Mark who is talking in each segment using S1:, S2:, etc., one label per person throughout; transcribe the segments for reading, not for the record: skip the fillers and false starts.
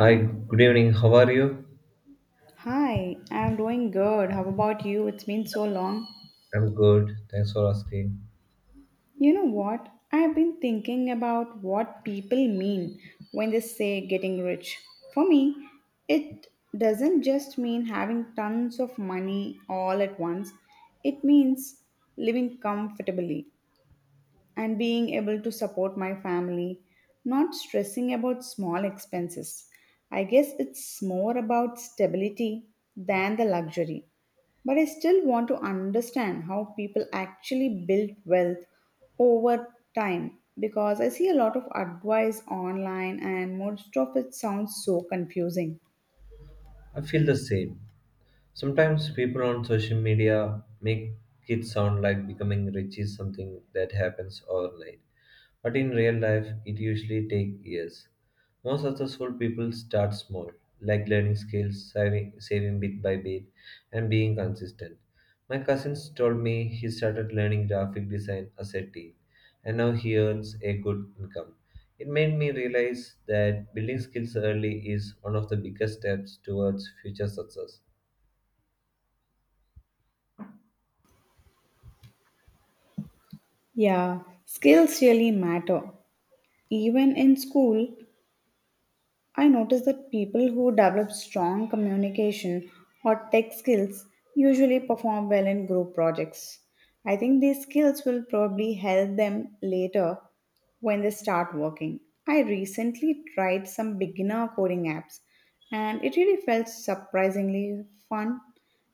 S1: Hi, good evening. How are you?
S2: Hi, I'm doing good. How about you? It's been so long.
S1: I'm good. Thanks for asking.
S2: You know what? I've been thinking about what people mean when they say getting rich. For me, it doesn't just mean having tons of money all at once, it means living comfortably, and being able to support my family, not stressing about small expenses. I guess it's more about stability than the luxury. But I still want to understand how people actually build wealth over time because I see a lot of advice online and most of it sounds so confusing.
S1: I feel the same. Sometimes people on social media make it sound like becoming rich is something that happens overnight. But in real life, it usually takes years. Most successful people start small, like learning skills, saving bit by bit, and being consistent. My cousins told me he started learning graphic design as a teen, and now he earns a good income. It made me realize that building skills early is one of the biggest steps towards future success.
S2: Yeah, skills really matter. Even in school, I notice that people who develop strong communication or tech skills usually perform well in group projects. I think these skills will probably help them later when they start working. I recently tried some beginner coding apps and it really felt surprisingly fun.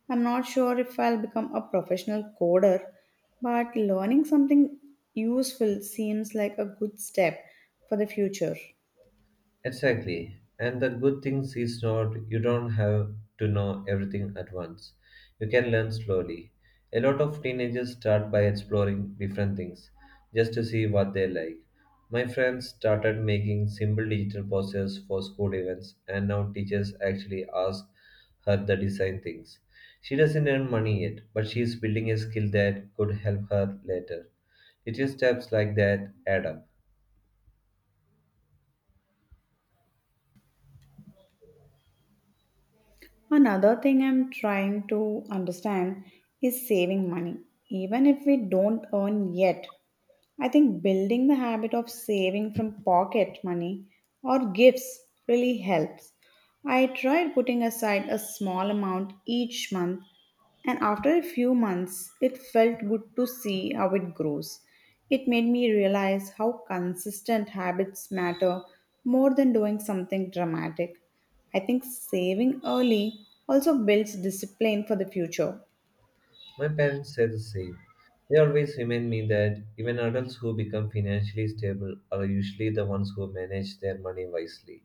S2: I'm not sure if I'll become a professional coder, but learning something useful seems like a good step for the future.
S1: Exactly. And the good thing is not you don't have to know everything at once. You can learn slowly. A lot of teenagers start by exploring different things just to see what they like. My friends started making simple digital posters for school events, and now teachers actually ask her the design things. She doesn't earn money yet, but she is building a skill that could help her later. Little steps like that add up.
S2: Another thing I'm trying to understand is saving money, even if we don't earn yet. I think building the habit of saving from pocket money or gifts really helps. I tried putting aside a small amount each month, and after a few months, it felt good to see how it grows. It made me realize how consistent habits matter more than doing something dramatic. I think saving early also builds discipline for the future.
S1: My parents say the same. They always remind me that even adults who become financially stable are usually the ones who manage their money wisely.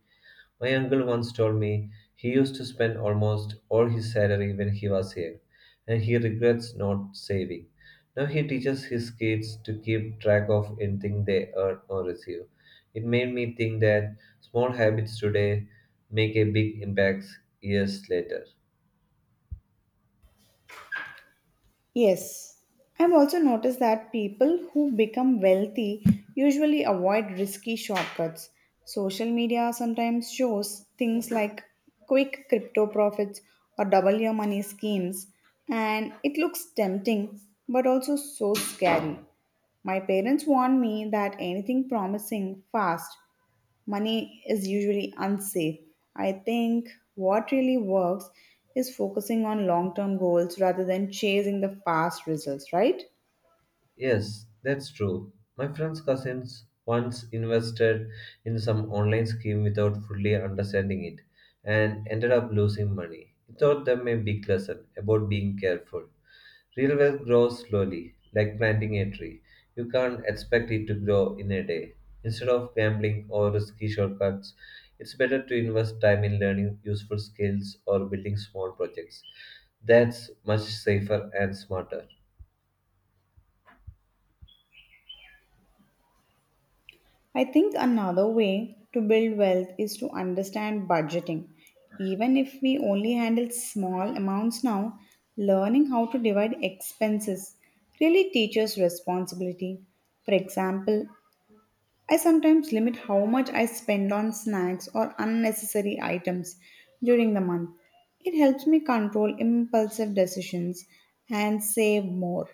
S1: My uncle once told me he used to spend almost all his salary when he was young, and he regrets not saving. Now he teaches his kids to keep track of anything they earn or receive. It made me think that small habits today make a big impact years later.
S2: Yes, I've also noticed that people who become wealthy usually avoid risky shortcuts. Social media sometimes shows things like quick crypto profits or double your money schemes, and it looks tempting but also so scary. My parents warned me that anything promising fast money is usually unsafe. I think what really works is focusing on long term goals rather than chasing the fast results, right?
S1: Yes, that's true. My friend's cousins once invested in some online scheme without fully understanding it and ended up losing money. It taught them a big lesson about being careful. Real wealth grows slowly, like planting a tree. You can't expect it to grow in a day. Instead of gambling or risky shortcuts, it's better to invest time in learning useful skills or building small projects. That's much safer and smarter.
S2: I think another way to build wealth is to understand budgeting. Even if we only handle small amounts now, learning how to divide expenses really teaches responsibility. For example, I sometimes limit how much I spend on snacks or unnecessary items during the month. It helps me control impulsive decisions and save more.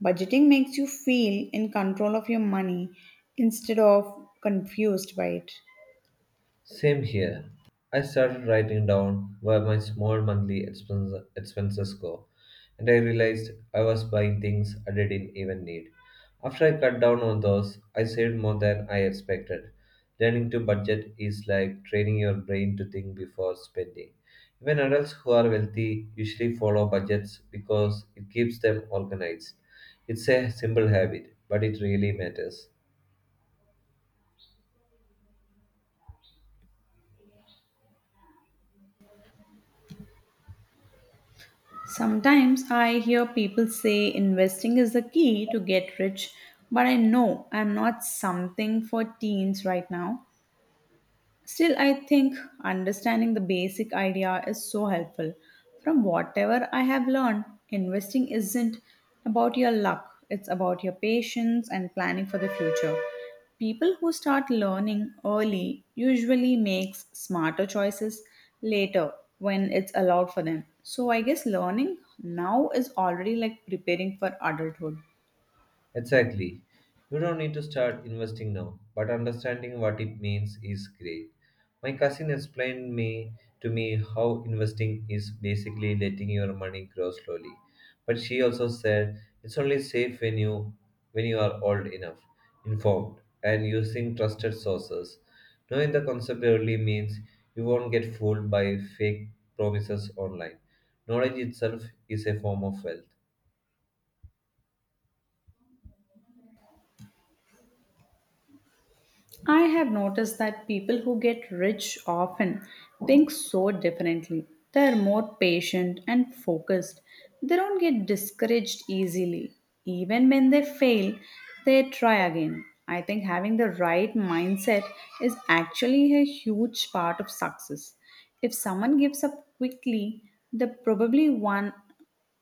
S2: Budgeting makes you feel in control of your money instead of confused by it.
S1: Same here. I started writing down where my small monthly expenses go, and I realized I was buying things I didn't even need. After I cut down on those, I saved more than I expected. Learning to budget is like training your brain to think before spending. Even adults who are wealthy usually follow budgets because it keeps them organized. It's a simple habit, but it really matters.
S2: Sometimes I hear people say investing is the key to get rich, but I know I'm not something for teens right now. Still, I think understanding the basic idea is so helpful. From whatever I have learned, investing isn't about your luck, it's about your patience and planning for the future. People who start learning early usually makes smarter choices later when it's allowed for them. So I guess learning now is already like preparing for adulthood.
S1: Exactly. You don't need to start investing now, but understanding what it means is great. My cousin explained me to me how investing is basically letting your money grow slowly. But she also said it's only safe when you are old enough, informed, and using trusted sources. Knowing the concept early means you won't get fooled by fake promises online. Knowledge itself is a form of wealth.
S2: I have noticed that people who get rich often think so differently. They are more patient and focused. They don't get discouraged easily. Even when they fail, they try again. I think having the right mindset is actually a huge part of success. If someone gives up quickly, they probably one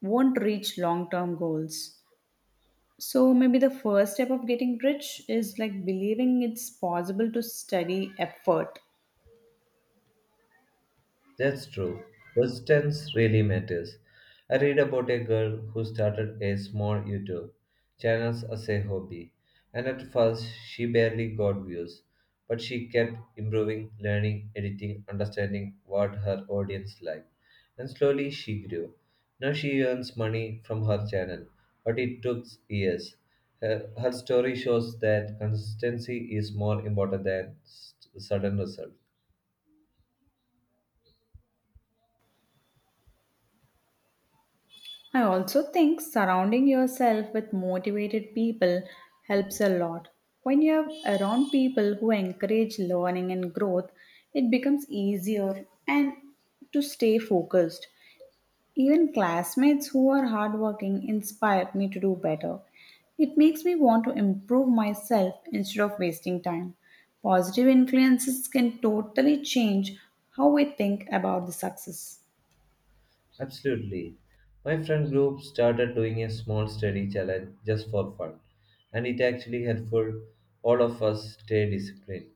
S2: won't reach long term goals. So maybe the first step of getting rich is like believing it's possible to study effort.
S1: That's true. Persistence really matters. I read about a girl who started a small YouTube channel as a hobby, and at first she barely got views, but she kept improving, learning, editing, understanding what her audience liked, and slowly she grew. Now she earns money from her channel, but it took years. Her story shows that consistency is more important than sudden results.
S2: I also think surrounding yourself with motivated people helps a lot. When you're around people who encourage learning and growth, it becomes easier and to stay focused. Even classmates who are hardworking inspire me to do better. It makes me want to improve myself instead of wasting time. Positive influences can totally change how we think about the success.
S1: Absolutely. My friend group started doing a small study challenge just for fun, and it actually helpful all of us stay disciplined.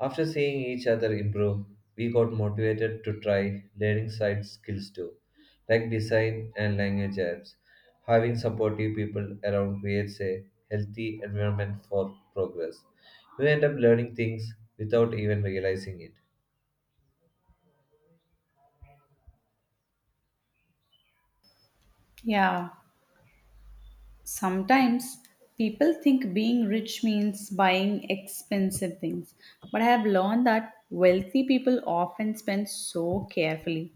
S1: After seeing each other improve, we got motivated to try learning side skills too, like design and language apps. Having supportive people around creates a healthy environment for progress. You end up learning things without even realizing it.
S2: Yeah. Sometimes people think being rich means buying expensive things, but I have learned that wealthy people often spend so carefully.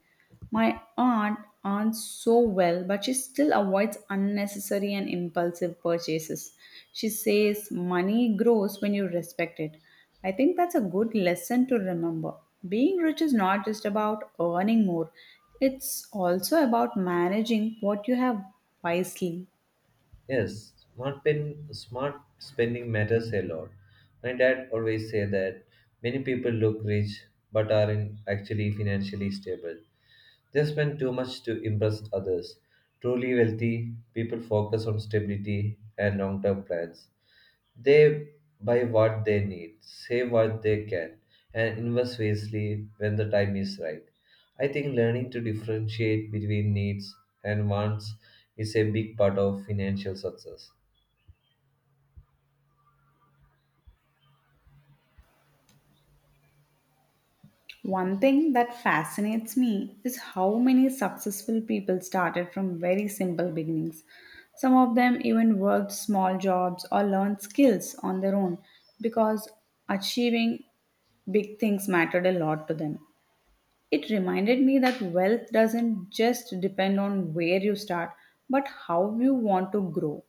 S2: My aunt earns so well, but she still avoids unnecessary and impulsive purchases. She says money grows when you respect it. I think that's a good lesson to remember. Being rich is not just about earning more, it's also about managing what you have wisely.
S1: Yes, smart spending matters a lot. My dad always say that many people look rich but aren't actually financially stable. They spend too much to impress others. Truly wealthy people focus on stability and long-term plans. They buy what they need, save what they can, and invest wisely when the time is right. I think learning to differentiate between needs and wants is a big part of financial success.
S2: One thing that fascinates me is how many successful people started from very simple beginnings. Some of them even worked small jobs or learned skills on their own because achieving big things mattered a lot to them. It reminded me that wealth doesn't just depend on where you start, but how you want to grow.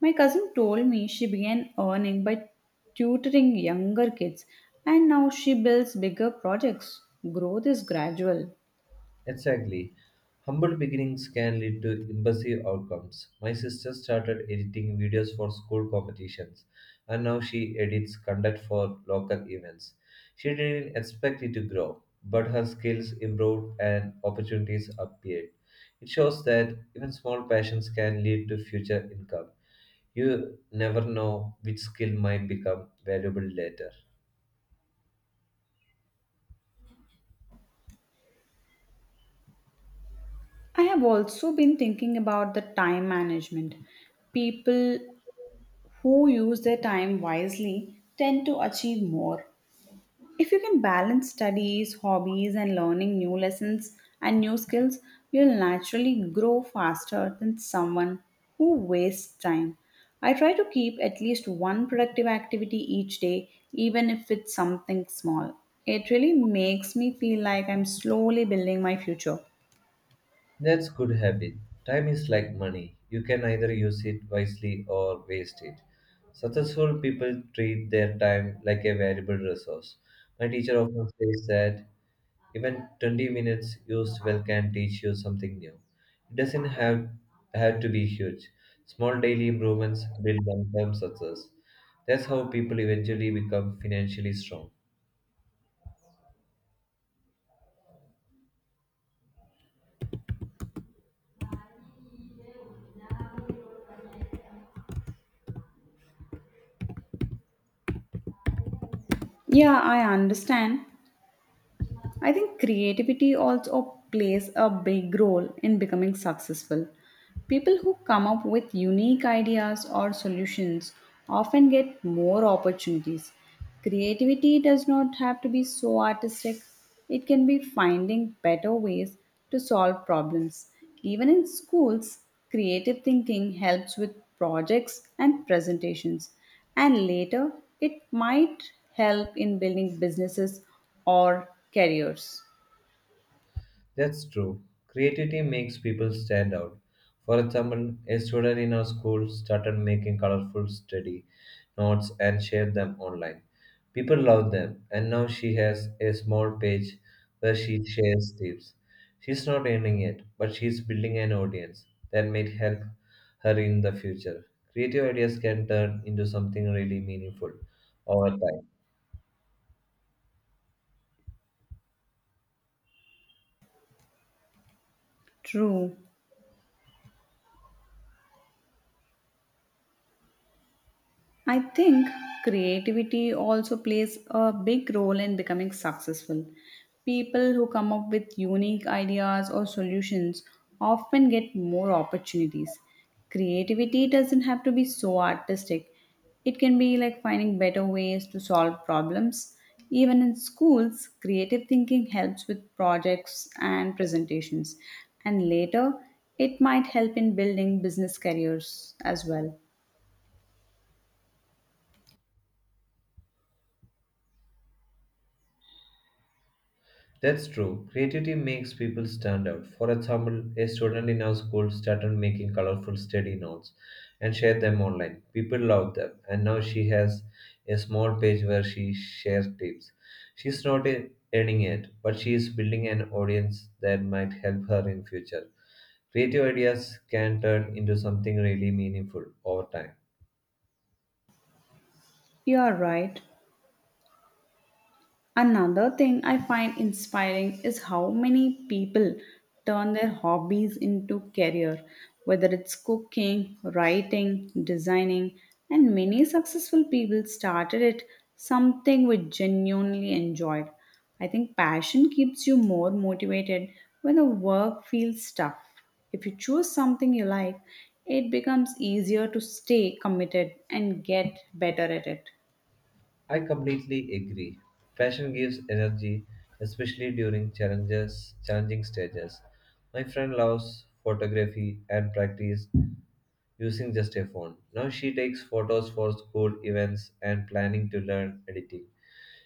S2: My cousin told me she began earning by tutoring younger kids and now she builds bigger projects. Growth is gradual.
S1: Exactly. Humble beginnings can lead to impressive outcomes. My sister started editing videos for school competitions, and now she edits content for local events. She didn't expect it to grow, but her skills improved and opportunities appeared. It shows that even small passions can lead to future income. You never know which skill might become valuable later.
S2: I have also been thinking about the time management. People who use their time wisely tend to achieve more. If you can balance studies, hobbies, and learning new lessons and new skills, you'll naturally grow faster than someone who wastes time. I try to keep at least one productive activity each day, even if it's something small. It really makes me feel like I'm slowly building my future.
S1: That's good habit. Time is like money. You can either use it wisely or waste it. Successful people treat their time like a valuable resource. My teacher often says that even 20 minutes used well can teach you something new. It doesn't have to be huge. Small daily improvements build long-term success. That's how people eventually become financially strong.
S2: Yeah, I understand. I think creativity also plays a big role in becoming successful. People who come up with unique ideas or solutions often get more opportunities. Creativity does not have to be so artistic, it can be finding better ways to solve problems. Even in schools, creative thinking helps with projects and presentations, and later it might help in building businesses or careers.
S1: That's true. Creativity makes people stand out. For example, a student in our school started making colorful study notes and shared them online. People loved them, and now she has a small page where she shares tips. She's not earning it, but she's building an audience that may help her in the future. Creative ideas can turn into something really meaningful over time.
S2: True. I think creativity also plays a big role in becoming successful. People who come up with unique ideas or solutions often get more opportunities. Creativity doesn't have to be so artistic. It can be like finding better ways to solve problems. Even in schools, creative thinking helps with projects and presentations. And later, it might help in building business careers as well.
S1: That's true. Creativity makes people stand out. For example, a student in our school started making colorful study notes and shared them online. People loved them, and now she has a small page where she shares tips. She's not earning it, but she is building an audience that might help her in future. Creative ideas can turn into something really meaningful over time.
S2: You are right. Another thing I find inspiring is how many people turn their hobbies into career, whether it's cooking, writing, designing, and many successful people started it something we genuinely enjoyed. I think passion keeps you more motivated when the work feels tough. If you choose something you like, it becomes easier to stay committed and get better at it.
S1: I completely agree. Passion gives energy, especially during challenging stages. My friend loves photography and practice using just a phone. Now she takes photos for school events and planning to learn editing.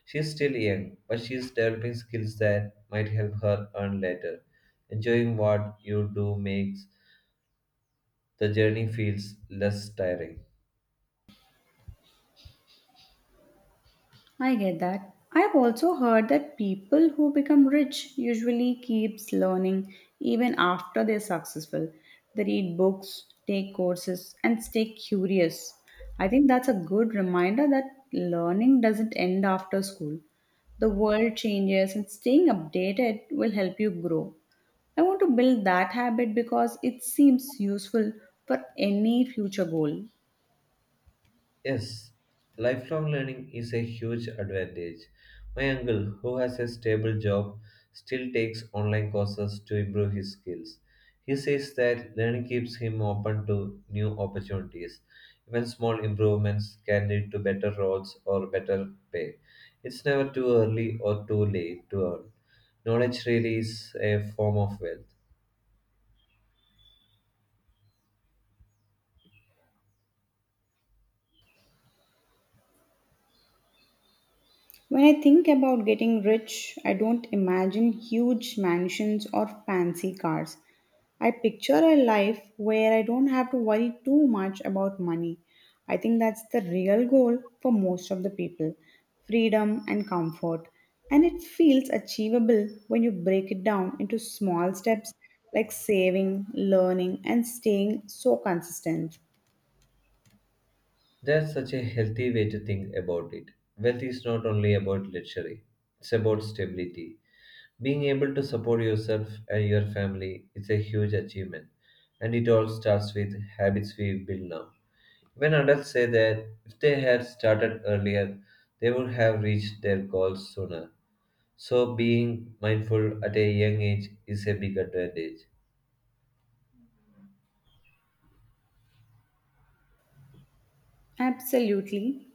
S1: She's still young, but she's developing skills that might help her earn later. Enjoying what you do makes the journey feels less tiring.
S2: I get that. I've also heard that people who become rich usually keeps learning even after they're successful. They read books, take courses and stay curious. I think that's a good reminder that learning doesn't end after school. The world changes and staying updated will help you grow. I want to build that habit because it seems useful for any future goal.
S1: Yes, lifelong learning is a huge advantage. My uncle, who has a stable job, still takes online courses to improve his skills. He says that learning keeps him open to new opportunities. Even small improvements can lead to better roles or better pay. It's never too early or too late to earn. Knowledge really is a form of wealth.
S2: When I think about getting rich, I don't imagine huge mansions or fancy cars. I picture a life where I don't have to worry too much about money. I think that's the real goal for most of the people freedom and comfort. And it feels achievable when you break it down into small steps like saving, learning, and staying so consistent.
S1: That's such a healthy way to think about it. Wealth is not only about luxury, it's about stability. Being able to support yourself and your family is a huge achievement, and it all starts with habits we build now. When adults say that if they had started earlier, they would have reached their goals sooner. So, being mindful at a young age is a big advantage.
S2: Absolutely.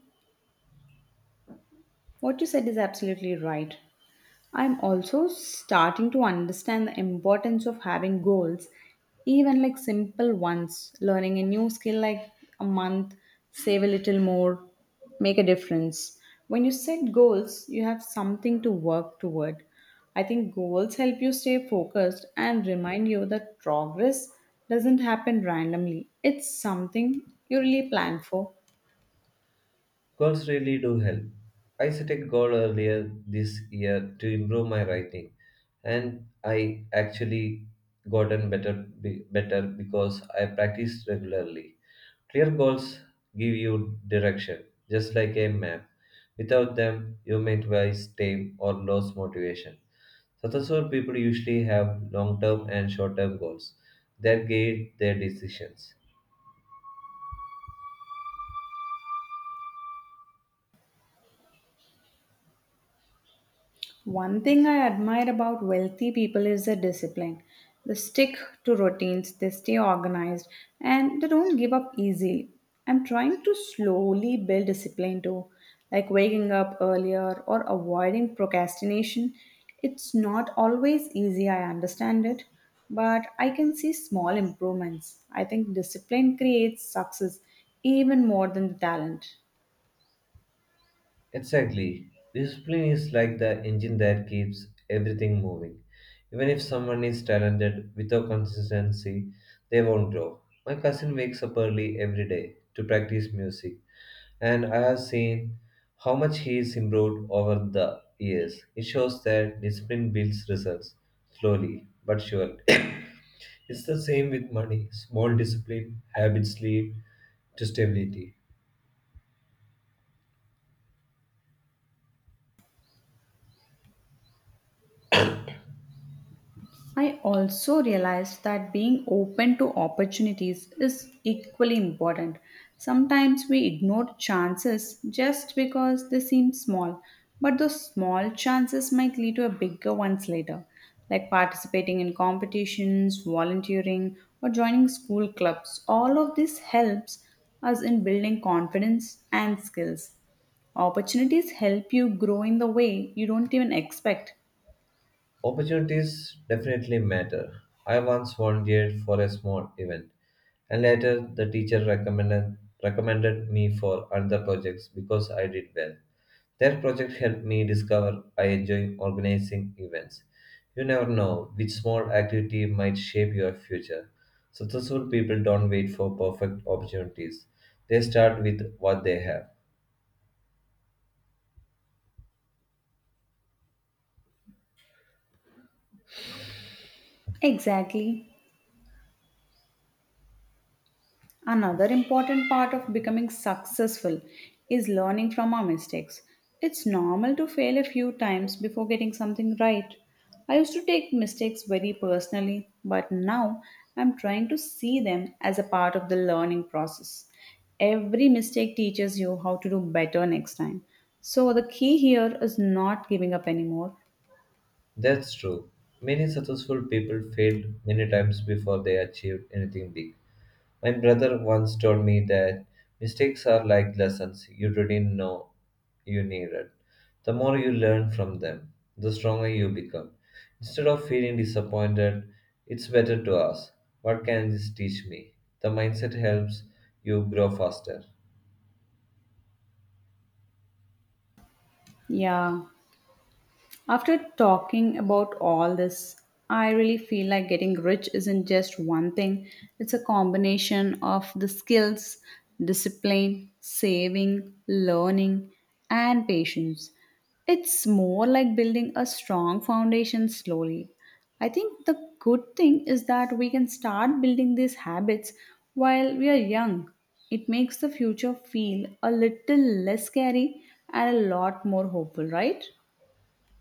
S2: What you said is absolutely right. I'm also starting to understand the importance of having goals, even like simple ones. Learning a new skill like a month, save a little more, make a difference. When you set goals, you have something to work toward. I think goals help you stay focused and remind you that progress doesn't happen randomly. It's something you really plan for.
S1: Goals really do help. I set a goal earlier this year to improve my writing, and I actually gotten better better because I practiced regularly. Clear goals give you direction, just like a map. Without them, you might waste time or lose motivation. Successful people usually have long term and short term goals that guide their decisions.
S2: One thing I admire about wealthy people is their discipline. They stick to routines, they stay organized, and they don't give up easily. I'm trying to slowly build discipline too, like waking up earlier or avoiding procrastination. It's not always easy, I understand it, but I can see small improvements. I think discipline creates success even more than the talent.
S1: Exactly. Discipline is like the engine that keeps everything moving. Even if someone is talented, without consistency, they won't grow. My cousin wakes up early every day to practice music, and I have seen how much he is improved over the years. It shows that discipline builds results slowly but surely. It's the same with money. Small discipline habits lead to stability.
S2: I also realized that being open to opportunities is equally important. Sometimes we ignore chances just because they seem small, but those small chances might lead to a bigger ones later, like participating in competitions, volunteering, or joining school clubs. All of this helps us in building confidence and skills. Opportunities help you grow in the way you don't even expect.
S1: Opportunities definitely matter. I once volunteered for a small event, and later, the teacher recommended me for another projects because I did well. That project helped me discover I enjoy organizing events. You never know which small activity might shape your future. Successful people don't wait for perfect opportunities, they start with what they have.
S2: Exactly. Another important part of becoming successful is learning from our mistakes. It's normal to fail a few times before getting something right. I used to take mistakes very personally, but now I'm trying to see them as a part of the learning process. Every mistake teaches you how to do better next time. So the key here is not giving up anymore.
S1: That's true. Many successful people failed many times before they achieved anything big. My brother once told me that mistakes are like lessons you didn't know you needed. The more you learn from them, the stronger you become. Instead of feeling disappointed, it's better to ask, "What can this teach me?" The mindset helps you grow faster.
S2: Yeah. After talking about all this, I really feel like getting rich isn't just one thing, it's a combination of the skills, discipline, saving, learning, and patience. It's more like building a strong foundation slowly. I think the good thing is that we can start building these habits while we are young. It makes the future feel a little less scary and a lot more hopeful, right?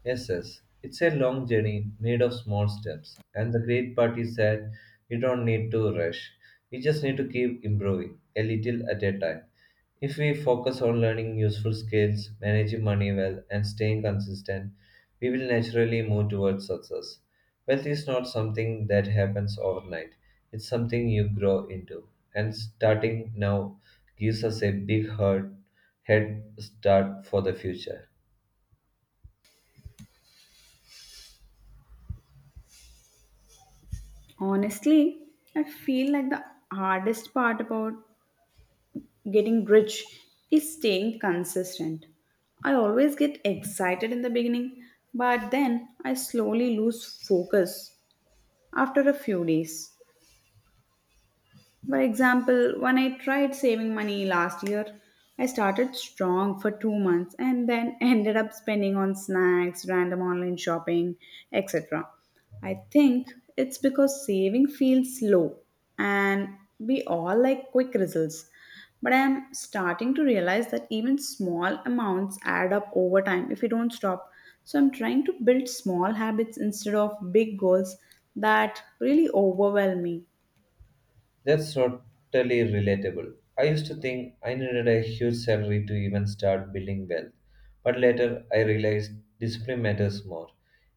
S1: Yes, yes, it's a long journey made of small steps, and the great part is that you don't need to rush. You just need to keep improving a little at a time. If we focus on learning useful skills, managing money well, and staying consistent, we will naturally move towards success. Wealth is not something that happens overnight, it's something you grow into. And starting now gives us a big head start for the future.
S2: Honestly, I feel like the hardest part about getting rich is staying consistent. I always get excited in the beginning, but then I slowly lose focus after a few days. For example, when I tried saving money last year, I started strong for two months and then ended up spending on snacks, random online shopping, etc. I think it's because saving feels slow and we all like quick results. But I am starting to realize that even small amounts add up over time if you don't stop. So I'm trying to build small habits instead of big goals that really overwhelm me.
S1: That's totally relatable. I used to think I needed a huge salary to even start building wealth, but later I realized discipline matters more.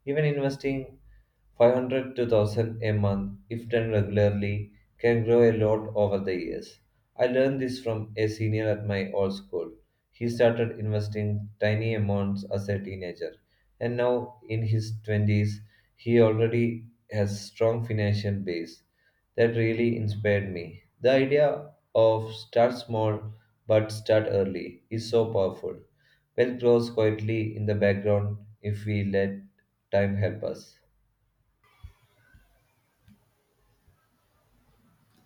S1: Even investing 500 to 1000 a month, if done regularly, can grow a lot over the years. I learned this from a senior at my old school. He started investing tiny amounts as a teenager, and now in his 20s, he already has strong financial base that really inspired me. The idea of start small but start early is so powerful. Wealth grows quietly in the background if we let time help us.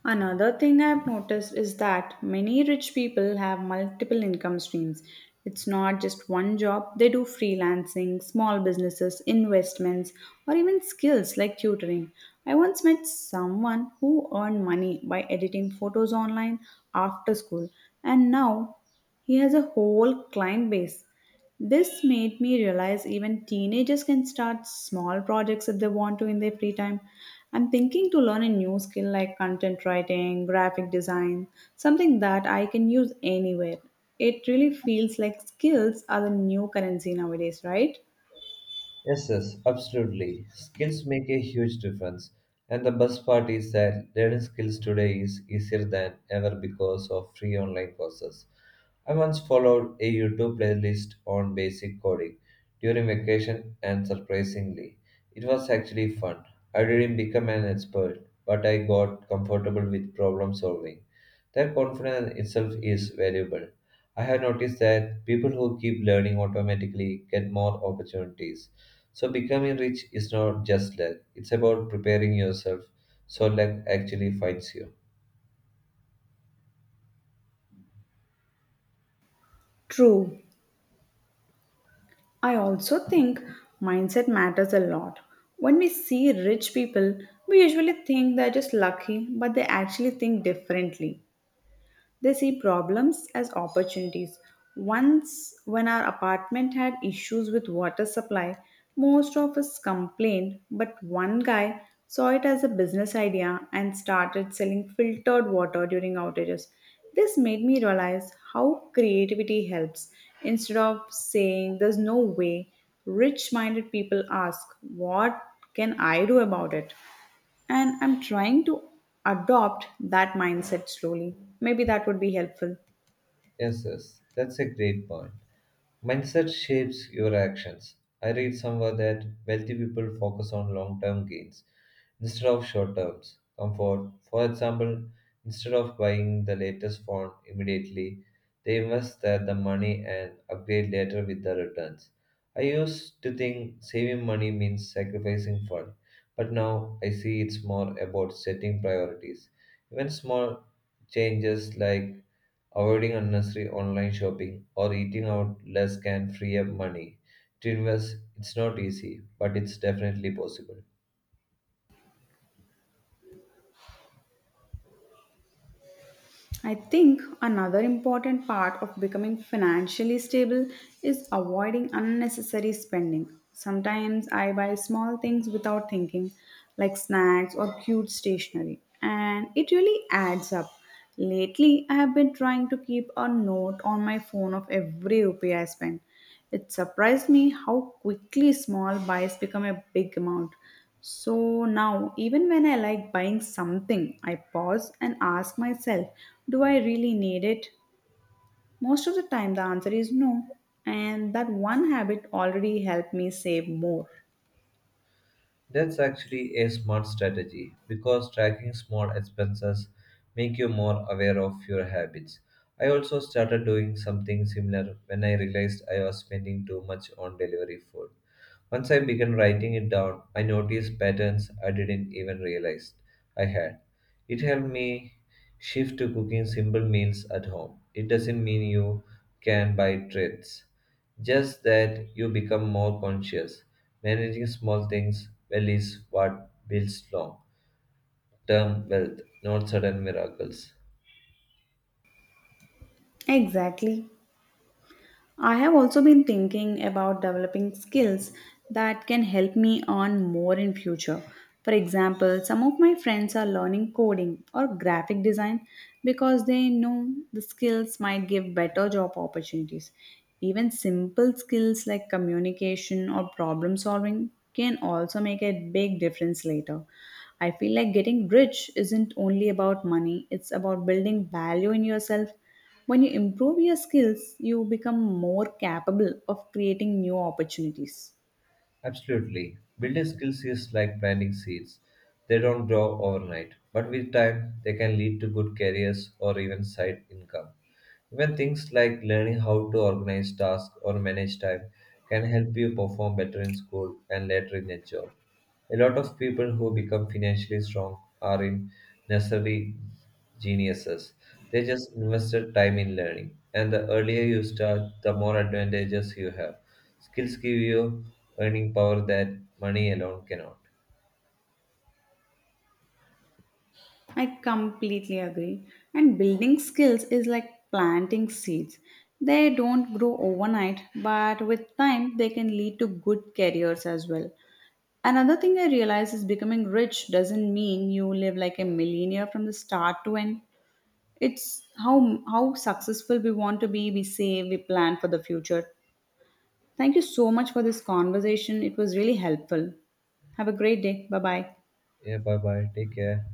S2: Another thing I've noticed is that many rich people have multiple income streams. It's not just one job, they do freelancing, small businesses, investments, or even skills like tutoring. I once met someone who earned money by editing photos online after school, and now he has a whole client base. This made me realize even teenagers can start small projects if they want to in their free time. I'm thinking to learn a new skill like content writing, graphic design, something that I can use anywhere. It really feels like skills are the new currency nowadays, right?
S1: Yes, yes, absolutely. Skills make a huge difference. And the best part is that learning skills today is easier than ever because of free online courses. I once followed a YouTube playlist on basic coding during vacation, and surprisingly, it was actually fun. I didn't become an expert, but I got comfortable with problem solving. That confidence itself is valuable. I have noticed that people who keep learning automatically get more opportunities. So, becoming rich is not just luck, it's about preparing yourself so luck actually finds you.
S2: True. I also think mindset matters a lot. When we see rich people, we usually think they're just lucky, but they actually think differently. They see problems as opportunities. Once, when our apartment had issues with water supply, most of us complained, but one guy saw it as a business idea and started selling filtered water during outages. This made me realize how creativity helps. Instead of saying, "There's no way," rich minded people ask, "What can I do about it?" And I'm trying to adopt that mindset slowly. Maybe that would be helpful.
S1: Yes, yes, that's a great point. Mindset shapes your actions. I read somewhere that wealthy people focus on long term gains instead of short terms. Comfort, for example, instead of buying the latest phone immediately, they invest that the money and upgrade later with the returns. I used to think saving money means sacrificing fun, but now I see it's more about setting priorities. Even small changes like avoiding unnecessary online shopping or eating out less can free up money to invest. It's not easy, but it's definitely possible.
S2: I think another important part of becoming financially stable is avoiding unnecessary spending. Sometimes I buy small things without thinking, like snacks or cute stationery, and it really adds up. Lately, I have been trying to keep a note on my phone of every rupee I spend. It surprised me how quickly small buys become a big amount. So now, even when I like buying something, I pause and ask myself, do I really need it? Most of the time, the answer is no. And that one habit already helped me save more.
S1: That's actually a smart strategy because tracking small expenses make you more aware of your habits. I also started doing something similar when I realized I was spending too much on delivery food. Once I began writing it down, I noticed patterns I didn't even realize I had. It helped me shift to cooking simple meals at home. It doesn't mean you can buy treats, just that you become more conscious. Managing small things well is what builds long term wealth, not sudden miracles.
S2: Exactly. I have also been thinking about developing skills that can help me earn more in future. For example, some of my friends are learning coding or graphic design because they know the skills might give better job opportunities. Even simple skills like communication or problem solving can also make a big difference later. I feel like getting rich isn't only about money, it's about building value in yourself when you improve your skills, you become more capable of creating new opportunities.
S1: Absolutely. Building skills is like planting seeds. They don't grow overnight, but with time, they can lead to good careers or even side income. Even things like learning how to organize tasks or manage time can help you perform better in school and later in a job. A lot of people who become financially strong are in, necessarily geniuses. They just invested time in learning. And the earlier you start, the more advantages you have. Skills give you earning power that money alone cannot.
S2: I completely agree. And building skills is like planting seeds. They don't grow overnight, but with time, they can lead to good careers as well. Another thing I realize is becoming rich doesn't mean you live like a millionaire from the start to end. It's how successful we want to be, we save, we plan for the future. Thank you so much for this conversation. It was really helpful. Have a great day. Bye bye.
S1: Yeah, bye bye. Take care.